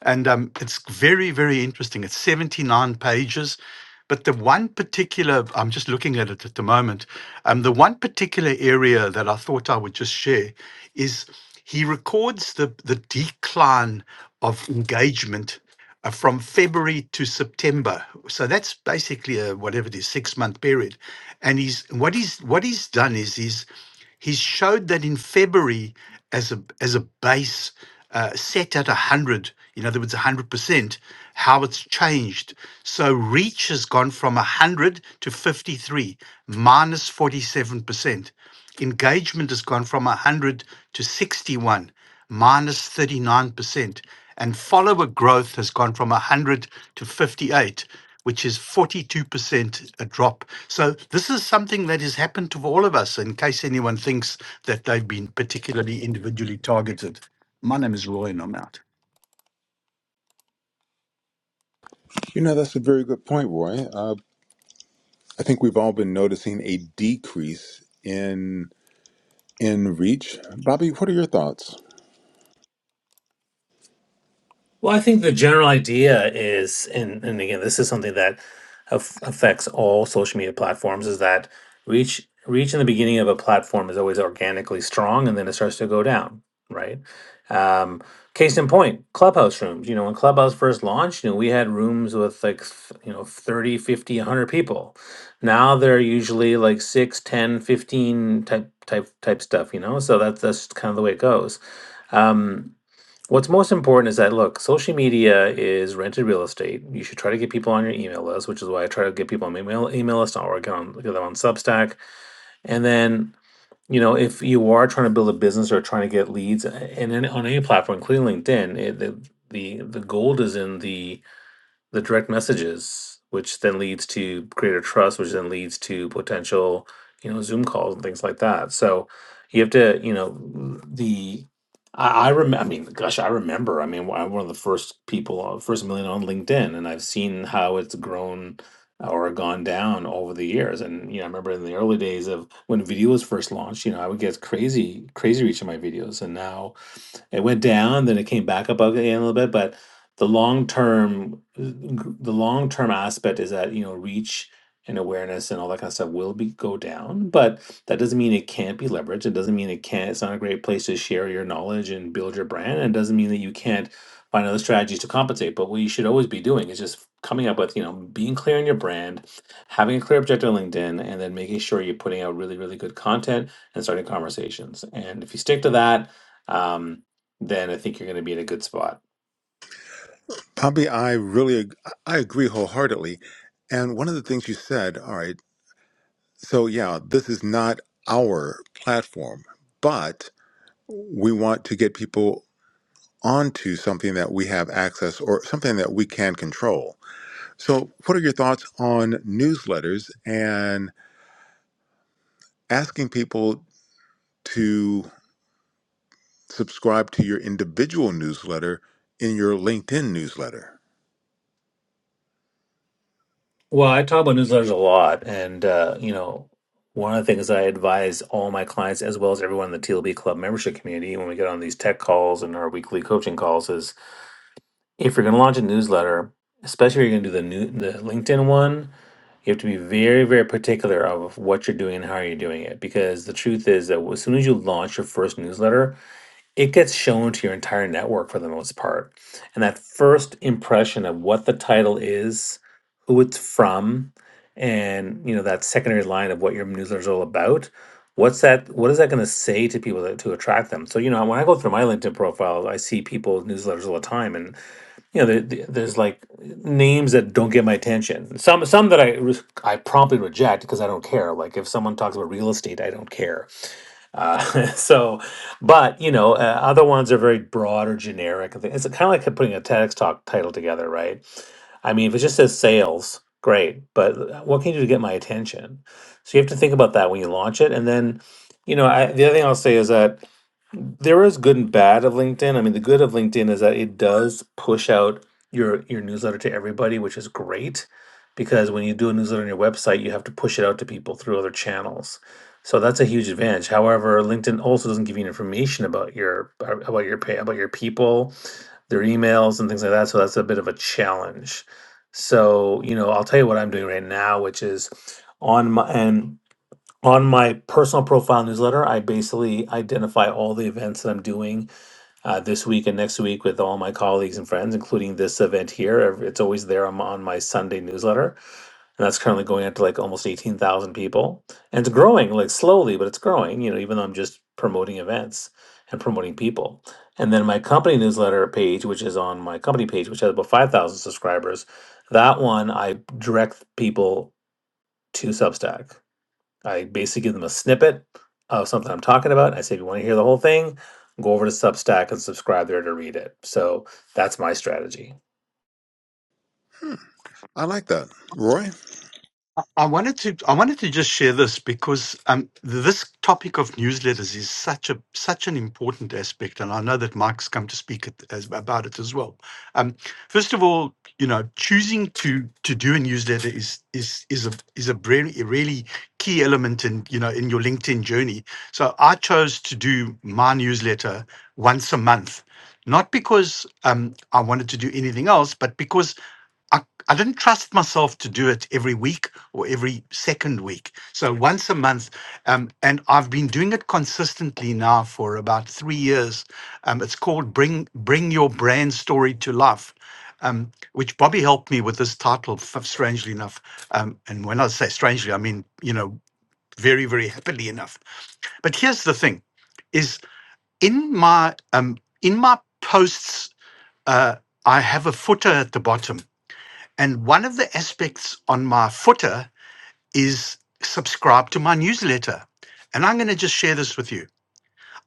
B: and um, it's very very interesting. It's seventy nine pages, but the one particular I'm just looking at it at the moment. Um, the one particular area that I thought I would just share is he records the the decline of engagement uh, from February to September. So that's basically a whatever it is, six month period. And he's what he's what he's done is he's he's showed that in February as a as a base uh, set at one hundred, in other words, one hundred percent, how it's changed. So reach has gone from one hundred to fifty three, minus forty seven percent. Engagement has gone from one hundred to sixty one. 39%, and follower growth has gone from 100 to 58, which is 42% a drop. So this is something that has happened to all of us, in case anyone thinks that they've been particularly individually targeted. My name is Roy, and I'm out.
A: You know, that's a very good point, Roy. Uh, I think we've all been noticing a decrease in in reach. Bobby, what are your thoughts?
D: Well, I think the general idea is, and, and again, this is something that aff affects all social media platforms, is that reach reach in the beginning of a platform is always organically strong, and then it starts to go down, right? Um, case in point, Clubhouse rooms. You know, when Clubhouse first launched, you know, we had rooms with like, th- you know, 30, 50, 100 people. Now they're usually like 6, 10, 15 type type type stuff, you know? So that's that's kind of the way it goes. Um, What's most important is that look, social media is rented real estate. You should try to get people on your email list, which is why I try to get people on my email email list. I'll work on get them on Substack. And then, you know, if you are trying to build a business or trying to get leads, uh, and then on any platform, including LinkedIn, it, the the the gold is in the the direct messages, which then leads to greater trust, which then leads to potential, you know, Zoom calls and things like that. So you have to, you know, the I, I remember. I mean, gosh, I remember. I mean, I'm one of the first people, uh, first million on LinkedIn, and I've seen how it's grown or gone down over the years. And you know, I remember in the early days of when video was first launched, you know, I would get crazy, crazy reach in my videos, and now it went down, then it came back up again a little bit, but the long term, the long term aspect is that you know reach and awareness and all that kind of stuff will be go down, but that doesn't mean it can't be leveraged. It doesn't mean it can't. It's not a great place to share your knowledge and build your brand. And it doesn't mean that you can't find other strategies to compensate. But what you should always be doing is just coming up with you know being clear on your brand, having a clear objective on LinkedIn, and then making sure you're putting out really really good content and starting conversations. And if you stick to that. Um, then I think you're going to be in a good spot.
A: Bobby, I really ag- I agree wholeheartedly. And one of the things you said, all right, so yeah, this is not our platform, but we want to get people onto something that we have access or something that we can control. So, what are your thoughts on newsletters and asking people to subscribe to your individual newsletter in your LinkedIn newsletter?
D: Well, I talk about newsletters a lot, and uh, you know, one of the things I advise all my clients, as well as everyone in the TLB Club membership community, when we get on these tech calls and our weekly coaching calls, is if you're going to launch a newsletter, especially if you're going to do the new the LinkedIn one, you have to be very, very particular of what you're doing and how you're doing it, because the truth is that as soon as you launch your first newsletter, it gets shown to your entire network for the most part. And that first impression of what the title is, who it's from, and you know that secondary line of what your newsletter is all about. What's that? What is that going to say to people that, to attract them? So you know, when I go through my LinkedIn profile, I see people's newsletters all the time, and you know, there, there- there's like names that don't get my attention. Some some that I re- I promptly reject because I don't care. Like if someone talks about real estate, I don't care uh, so, but you know, uh, other ones are very broad or generic. I think It's kind of like putting a TEDx talk title together, right? I mean, if it just says sales, great, but uh, what can you do to get my attention? So you have to think about that when you launch it, and then, you know, I, the other thing I'll say is that there is good and bad of LinkedIn. I mean, the good of LinkedIn is that it does push out your your newsletter to everybody, which is great because when you do a newsletter on your website, you have to push it out to people through other channels. So that's a huge advantage. However, LinkedIn also doesn't give you information about your about your pay about your people, their emails and things like that. So that's a bit of a challenge. So, you know, I'll tell you what I'm doing right now, which is on my and on my personal profile newsletter, I basically identify all the events that I'm doing uh, this week and next week with all my colleagues and friends, including this event here. Ev- It's always there on, on my Sunday newsletter, and that's currently going out to like almost eighteen thousand people, and it's growing like slowly, but it's growing. You know, even though I'm just promoting events and promoting people, and then my company newsletter page, which is on my company page, which has about five thousand subscribers, that one I direct people to Substack. I basically give them a snippet of something I'm talking about. I say, if you want to hear the whole thing, go over to Substack and subscribe there to read it. So that's my strategy.
A: Hmm, I like that. Roy,
B: I wanted to I wanted to just share this because um, this topic of newsletters is such a such an important aspect, and I know that Mike's come to speak at, as, about it as well. Um, first of all, you know, choosing to to do a newsletter is is is a is a really really key element in you know in your LinkedIn journey. So I chose to do my newsletter once a month, not because um, I wanted to do anything else, but because I, I didn't trust myself to do it every week or every second week. So once a month. Um, and I've been doing it consistently now for about three years. Um, it's called Bring, Bring Your Brand Story to Life. Um, which Bobby helped me with this title, f- strangely enough. Um, and when I say strangely, I mean, you know, very, very happily enough. But here's the thing is in my um, in my posts, uh, I have a footer at the bottom and one of the aspects on my footer is subscribe to my newsletter. And I'm going to just share this with you.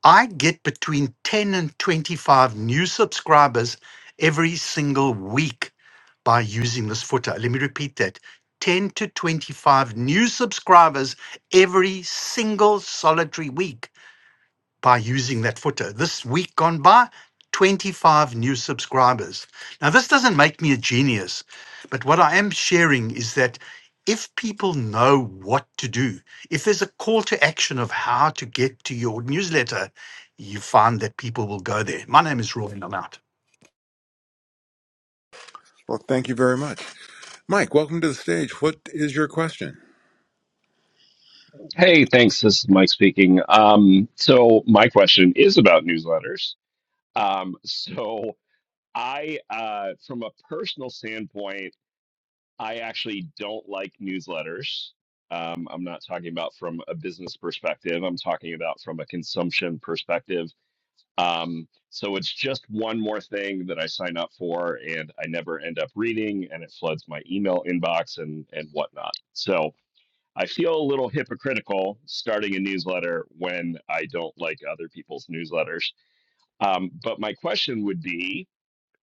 B: I get between 10 and 25 new subscribers every single week by using this footer. Let me repeat that 10 to 25 new subscribers every single solitary week by using that footer. This week gone by, 25 new subscribers. Now, this doesn't make me a genius, but what I am sharing is that if people know what to do, if there's a call to action of how to get to your newsletter, you find that people will go there. My name is Roy, and I'm out.
A: well, thank you very much. Mike, welcome to the stage. What is your question?
C: hey thanks this is mike speaking um, so my question is about newsletters um, so i uh, from a personal standpoint I actually don't like newsletters. Um, I'm not talking about from a business perspective. I'm talking about from a consumption perspective. Um, so it's just one more thing that I sign up for, and I never end up reading, and it floods my email inbox and and whatnot. So I feel a little hypocritical starting a newsletter when I don't like other people's newsletters. Um, but my question would be,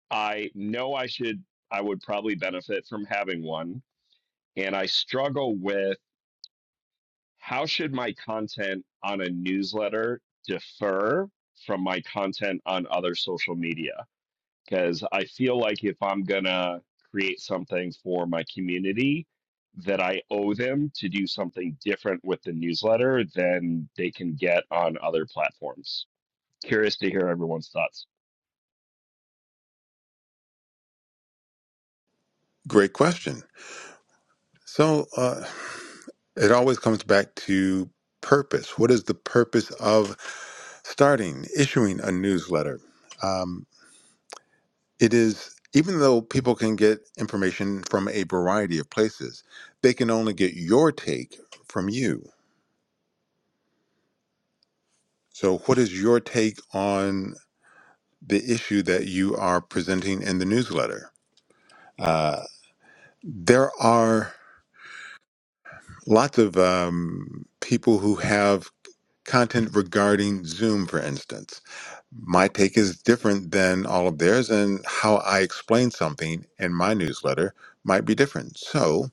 C: I know I should, I would probably benefit from having one and I struggle with how should my content on a newsletter differ from my content on other social media? Because I feel like if I'm gonna create something for my community, that I owe them to do something different with the newsletter than they can get on other platforms. Curious to hear everyone's thoughts.
A: Great question. So, uh, it always comes back to purpose. What is the purpose of starting, issuing a newsletter? Um, it is even though people can get information from a variety of places, they can only get your take from you. So, what is your take on the issue that you are presenting in the newsletter? Uh, there are lots of um, people who have content regarding Zoom, for instance. My take is different than all of theirs, and how I explain something in my newsletter might be different. So,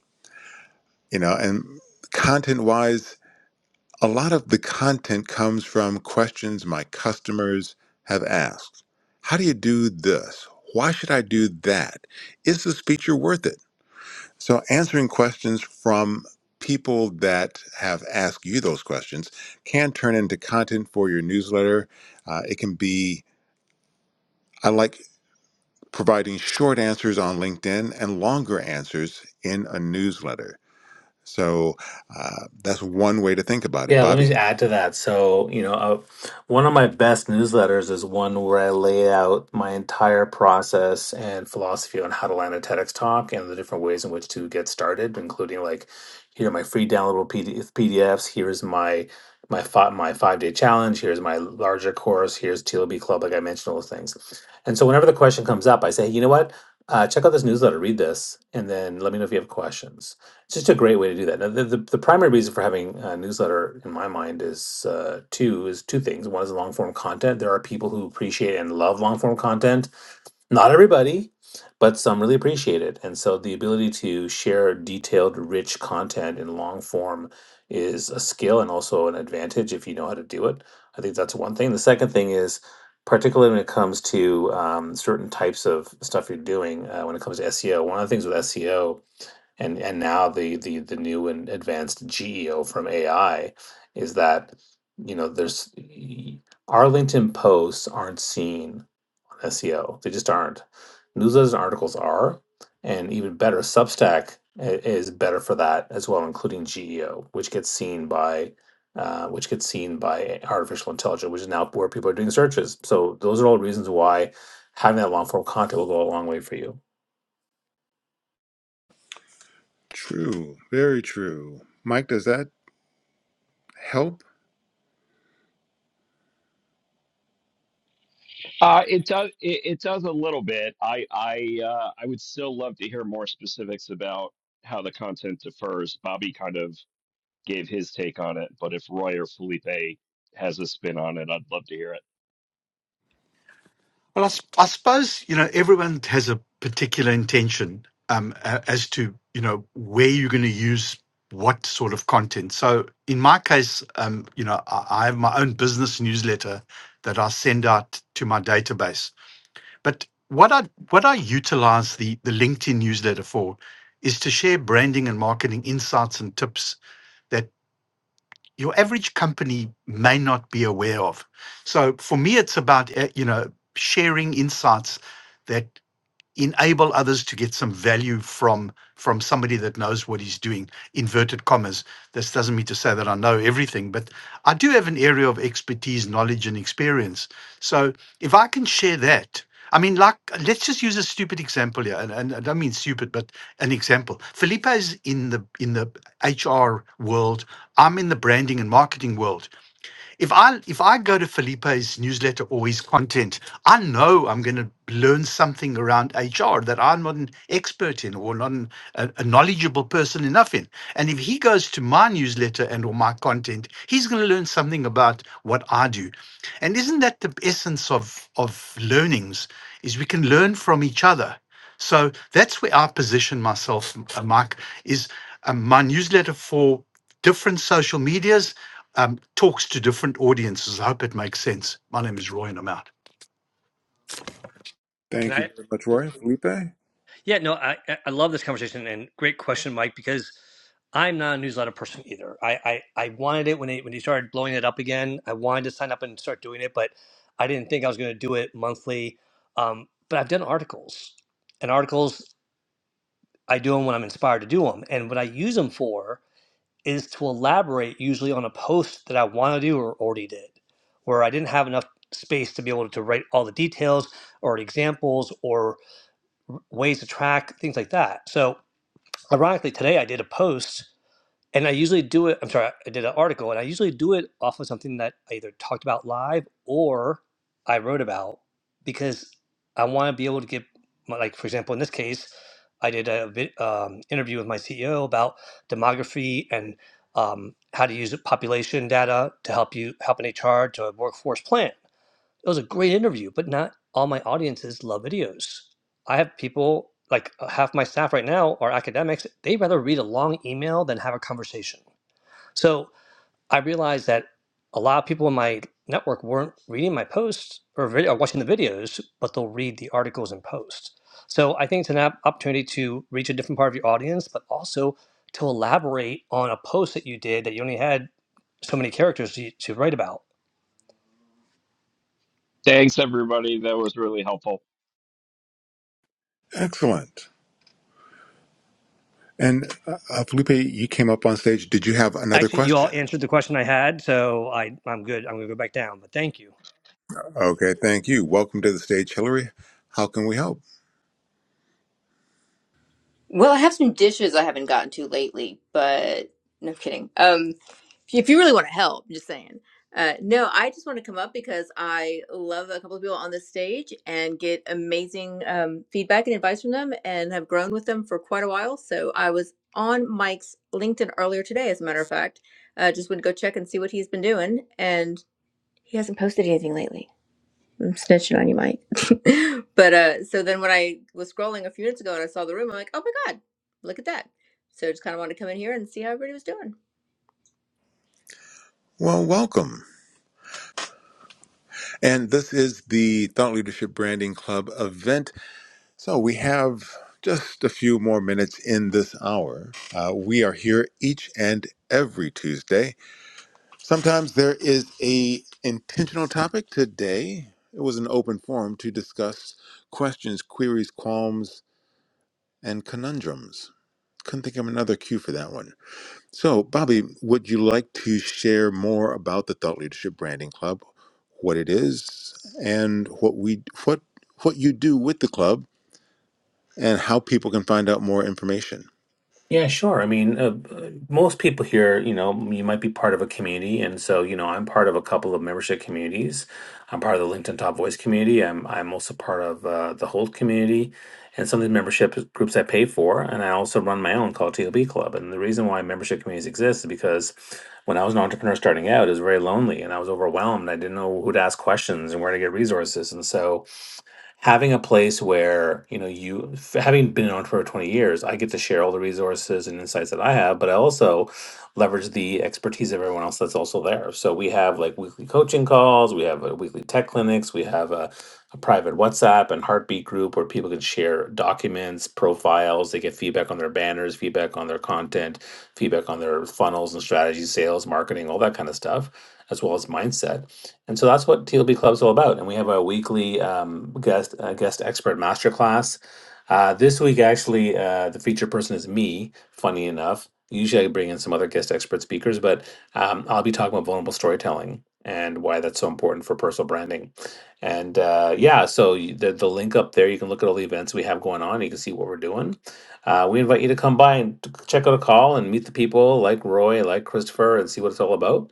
A: you know and content wise a lot of the content comes from questions my customers have asked how do you do this why should i do that is this feature worth it so answering questions from people that have asked you those questions can turn into content for your newsletter Uh, it can be i like providing short answers on linkedin and longer answers in a newsletter So uh, that's one way to think about it,
D: Yeah, let me
A: Bobby.
D: just add to that. So, you know, uh, one of my best newsletters is one where I lay out my entire process and philosophy on how to land a TEDx talk and the different ways in which to get started, including like, here are my free downloadable PDF, PDFs. Here's my my five my five day challenge. Here's my larger course. Here's TLB Club. Like I mentioned, all those things. And so, whenever the question comes up, I say, "Hey, you know what? Uh, check out this newsletter. Read this, and then let me know if you have questions. It's just a great way to do that. Now, the, the, the primary reason for having a newsletter, in my mind, is uh, two is two things. One is long form content. There are people who appreciate and love long form content. Not everybody, but some really appreciate it. And so the ability to share detailed, rich content in long form is a skill and also an advantage if you know how to do it. I think that's one thing. The second thing is, particularly when it comes to um, certain types of stuff you're doing, uh, when it comes to SEO, one of the things with SEO and and now the the the new and advanced GEO from AI is that you know there's y- Arlington posts aren't seen on SEO. They just aren't. Newsletters and articles are, and even better, Substack i- is better for that as well, including GEO, which gets seen by uh, which gets seen by artificial intelligence, which is now where people are doing searches. So those are all reasons why having that long form content will go a long way for you.
A: True, very true. Mike, does that help?
C: Uh, it does. It, it does a little bit. I I uh, I would still love to hear more specifics about how the content differs. Bobby kind of gave his take on it, but if Roy or Felipe has a spin on it, I'd love to hear it.
B: Well, I, s- I suppose you know everyone has a particular intention um, a- as to you know where you're going to use what sort of content. So in my case, um, you know, I, I have my own business newsletter that I send out to my database. But what I what I utilize the the LinkedIn newsletter for is to share branding and marketing insights and tips that your average company may not be aware of. So for me, it's about eh, you know sharing insights that enable others to get some value from from somebody that knows what he's doing inverted commas this doesn't mean to say that i know everything but i do have an area of expertise knowledge and experience so if i can share that i mean like let's just use a stupid example here and, and i don't mean stupid but an example felipe is in the in the hr world i'm in the branding and marketing world if I if I go to Felipe's newsletter or his content, I know I'm going to learn something around HR that I'm not an expert in or not an, a, a knowledgeable person enough in. And if he goes to my newsletter and or my content, he's going to learn something about what I do. And isn't that the essence of of learnings? Is we can learn from each other. So that's where I position myself, uh, Mike. Is um, my newsletter for different social medias um, talks to different audiences. I hope it makes sense. My name is Roy and I'm out.
E: Can
A: Thank you very much,
E: I?
A: Roy. Felipe?
E: Yeah, no, I I love this conversation and great question, Mike, because I'm not a newsletter person either. I I, I wanted it when it when you started blowing it up again. I wanted to sign up and start doing it, but I didn't think I was going to do it monthly. Um, but I've done articles, and articles I do them when I'm inspired to do them, and what I use them for is to elaborate usually on a post that I want to do or already did, where I didn't have enough space to be able to write all the details or examples or ways to track things like that. So Ironically, today I did a post and I usually do it. I'm sorry, I did an article and I usually do it off of something that I either talked about live or I wrote about because I want to be able to get, my- like, for example, in this case, I did a vi- um, interview with my CEO about demography and um, how to use population data to help you help an HR to a workforce plan. It was a great interview, but not all my audiences love videos. I have people like uh, half my staff right now are academics. They'd rather read a long email than have a conversation. So I realized that a lot of people in my network weren't reading my posts or, vid- or watching the videos, but they'll read the articles and posts. So I think it's an op- opportunity to reach a different part of your audience, but also to elaborate on a post that you did that you only had so many characters to, to write about.
C: Thanks, everybody. That was really helpful.
A: Excellent. And uh, uh, Felipe, you came up on stage. Did you have another
E: Actually, you all
A: question?
E: answered the question I had, so I, I'm good. I'm going to go back down, but thank you.
A: Okay, thank you. Welcome to the stage, Hillary. How can we help?
G: Well, I have some dishes I haven't gotten to lately, but no I'm kidding. Um, if you really want to help, I'm just saying. Uh, no, I just want to come up because I love a couple of people on this stage and get amazing um, feedback and advice from them, and have grown with them for quite a while. So I was on Mike's LinkedIn earlier today, as a matter of fact. Uh, just went to go check and see what he's been doing, and he hasn't posted anything lately. I'm snitching on you, Mike. but uh, so then when I was scrolling a few minutes ago and I saw the room, I'm like, oh my God, look at that. So I just kind of wanted to come in here and see how everybody was doing.
A: Well, welcome. And this is the Thought Leadership Branding Club event. So we have just a few more minutes in this hour. Uh, we are here each and every Tuesday Sometimes there is a intentional topic. Today, it was an open forum to discuss questions, queries, qualms, and conundrums. Couldn't think of another cue for that one. So, Bobby, would you like to share more about the Thought Leadership Branding Club, what it is, and what we what what you do with the club, and how people can find out more information?
D: Yeah, sure. I mean, uh, uh, most people here, you know, you might be part of a community, and so, you know, I'm part of a couple of membership communities. I'm part of the LinkedIn Top Voice community. I'm I'm also part of uh, the Hold community, and some of these membership groups I pay for, and I also run my own called TLB Club. And the reason why membership communities exist is because when I was an entrepreneur starting out, it was very lonely, and I was overwhelmed. I didn't know who to ask questions and where to get resources, and so having a place where you know you f- having been an entrepreneur for 20 years i get to share all the resources and insights that i have but i also leverage the expertise of everyone else that's also there so we have like weekly coaching calls we have uh, weekly tech clinics we have a, a private whatsapp and heartbeat group where people can share documents profiles they get feedback on their banners feedback on their content feedback on their funnels and strategies sales marketing all that kind of stuff as well as mindset and so that's what TLB Club's all about. And we have our weekly um, guest uh, guest expert masterclass. Uh, this week, actually, uh, the featured person is me. Funny enough, usually I bring in some other guest expert speakers, but um, I'll be talking about vulnerable storytelling and why that's so important for personal branding. And uh, yeah, so you- the the link up there, you can look at all the events we have going on. You can see what we're doing. Uh, we invite you to come by and t- check out a call and meet the people like Roy, like Christopher, and see what it's all about.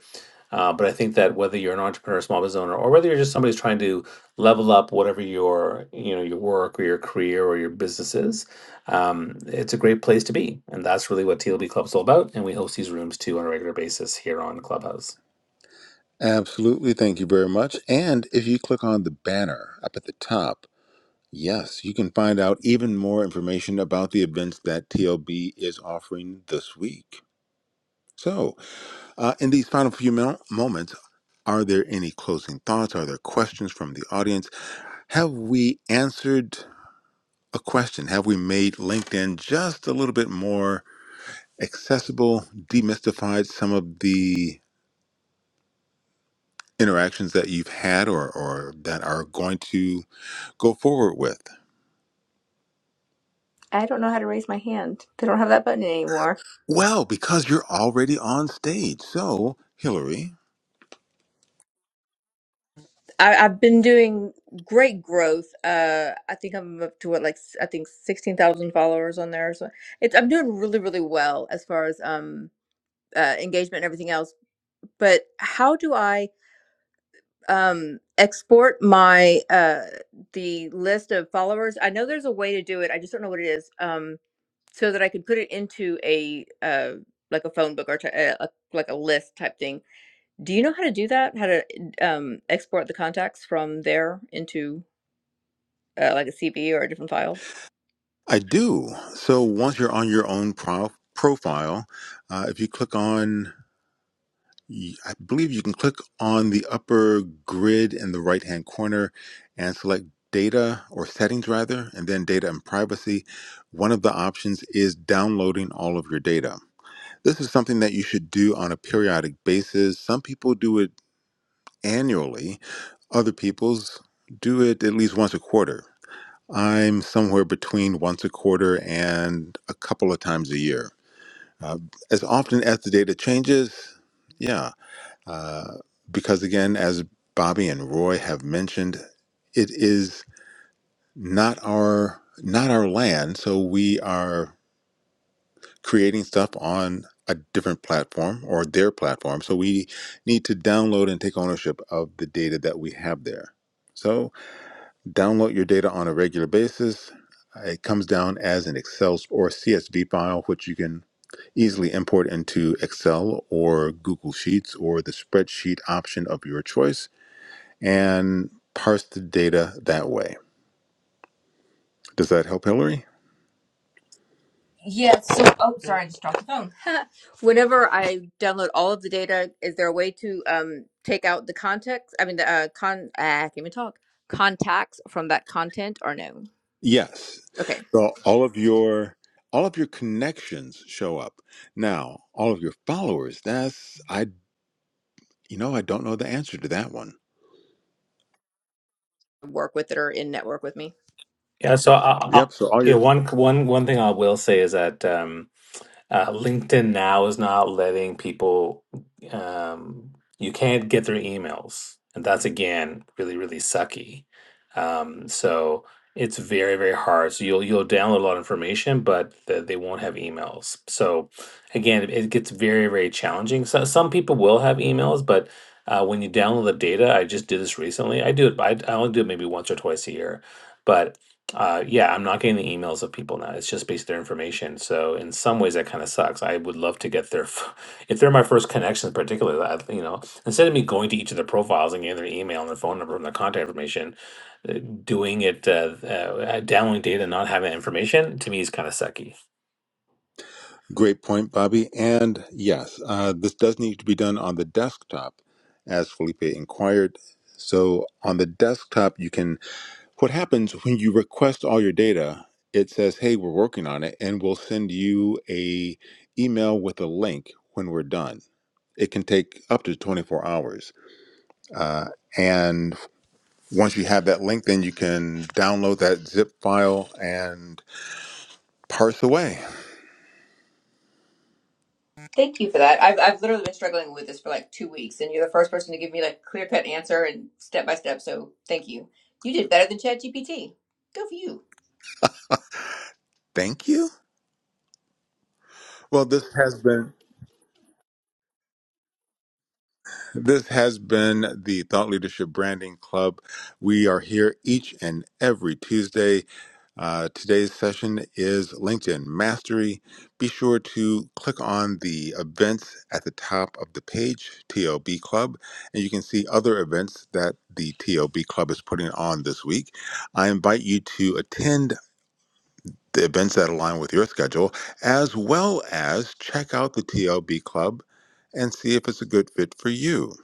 D: Uh, but I think that whether you're an entrepreneur, small business owner, or whether you're just somebody who's trying to level up whatever your you know your work or your career or your business is, um, it's a great place to be, and that's really what TLB Club's all about. And we host these rooms too on a regular basis here on Clubhouse.
A: Absolutely, thank you very much. And if you click on the banner up at the top Yes, you can find out even more information about the events that TLB is offering this week. So, uh, in these final few mil- moments, are there any closing thoughts? Are there questions from the audience? Have we answered a question? Have we made LinkedIn just a little bit more accessible, demystified some of the interactions that you've had or, or that are going to go forward with?
G: I don't know how to raise my hand. They don't have that button anymore.
A: Well, because you're already on stage. So, Hillary,
G: I, I've been doing great growth. Uh, I think I'm up to what, like, s- I think 16,000 followers on there. So it's, I'm doing really, really well as far as um, uh, engagement and everything else. But how do I? um export my uh the list of followers i know there's a way to do it i just don't know what it is um so that i could put it into a uh like a phone book or t- uh, a, like a list type thing do you know how to do that how to um export the contacts from there into uh, like a cb or a different file
A: I do. So once you're on your own pro- profile, uh, if you click on, y- I believe you can click on the upper grid in the right hand corner and select data or settings rather, and then data and privacy. One of the options is downloading all of your data. This is something that you should do on a periodic basis. Some people do it annually, other people's do it at least once a quarter. I'm somewhere between once a quarter and a couple of times a year. Uh, as often as the data changes, yeah. Uh, because again, as Bobby and Roy have mentioned, it is not our not our land, so we are creating stuff on a different platform or their platform. So we need to download and take ownership of the data that we have there. So download your data on a regular basis. It comes down as an Excel or CSV file, which you can easily import into Excel or Google Sheets or the spreadsheet option of your choice and parse the data that way. Does that help, Hillary?
G: Yeah, so oh sorry, I just dropped the phone. Whenever I download all of the data, is there a way to um take out the context? I mean the uh con uh, I can't even talk. Contacts from that content or no?
A: Yes.
G: Okay.
A: So all of your all of your connections show up. Now, all of your followers, that's I you know, I don't know the answer to that one.
G: Work with it or in network with me.
D: Yeah. So I, I,
A: Yep. So all
D: yeah,
A: your
D: one one one thing I will say is that. Um, Uh, LinkedIn now is not letting people, um, you can't get their emails. And that's again really, really sucky. Um, so it's very, very hard. So you'll you'll download a lot of information, but the, they won't have emails. So again, it, it gets very, very challenging. So some people will have emails, but uh, when you download the data, I just did this recently. I do it. I, I only do it maybe once or twice a year, but uh, yeah, I'm not getting the emails of people now. It's just based their information. So in some ways, that kind of sucks. I would love to get their, f- if they're my first connections, particularly, I, you know, instead of me going to each of their profiles and getting their email and their phone number and their contact information, uh, doing it, uh, uh, downloading data, and not having that information, to me is kind of sucky.
A: Great point, Bobby. And yes, uh, this does need to be done on the desktop, as Felipe inquired. So on the desktop, you can. What happens when you request all your data? It says, "Hey, we're working on it, and we'll send you a email with a link when we're done." It can take up to 24 hours. Uh, and once you have that link, then you can download that zip file and parse away.
G: Thank you for that. I've I've literally been struggling with this for like two weeks, and you're the first person to give me like clear cut answer and step by step. So thank you. You did better than ChatGPT. Go for you.
A: Thank you. Well, this has been This has been the Thought Leadership Branding Club. We are here each and every Tuesday. Uh, today's session is LinkedIn Mastery. Be sure to click on the events at the top of the page, TLB Club, and you can see other events that the TLB Club is putting on this week. I invite you to attend the events that align with your schedule, as well as check out the TLB Club and see if it's a good fit for you.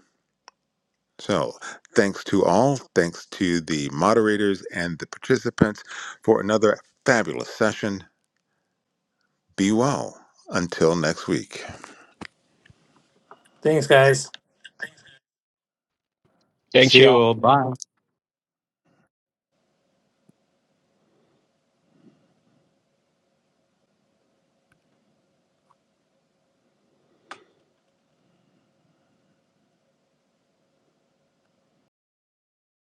A: So, thanks to all, thanks to the moderators and the participants for another fabulous session. Be well until next week.
D: Thanks, guys.
C: Thanks,
B: See you
C: y'all.
B: all.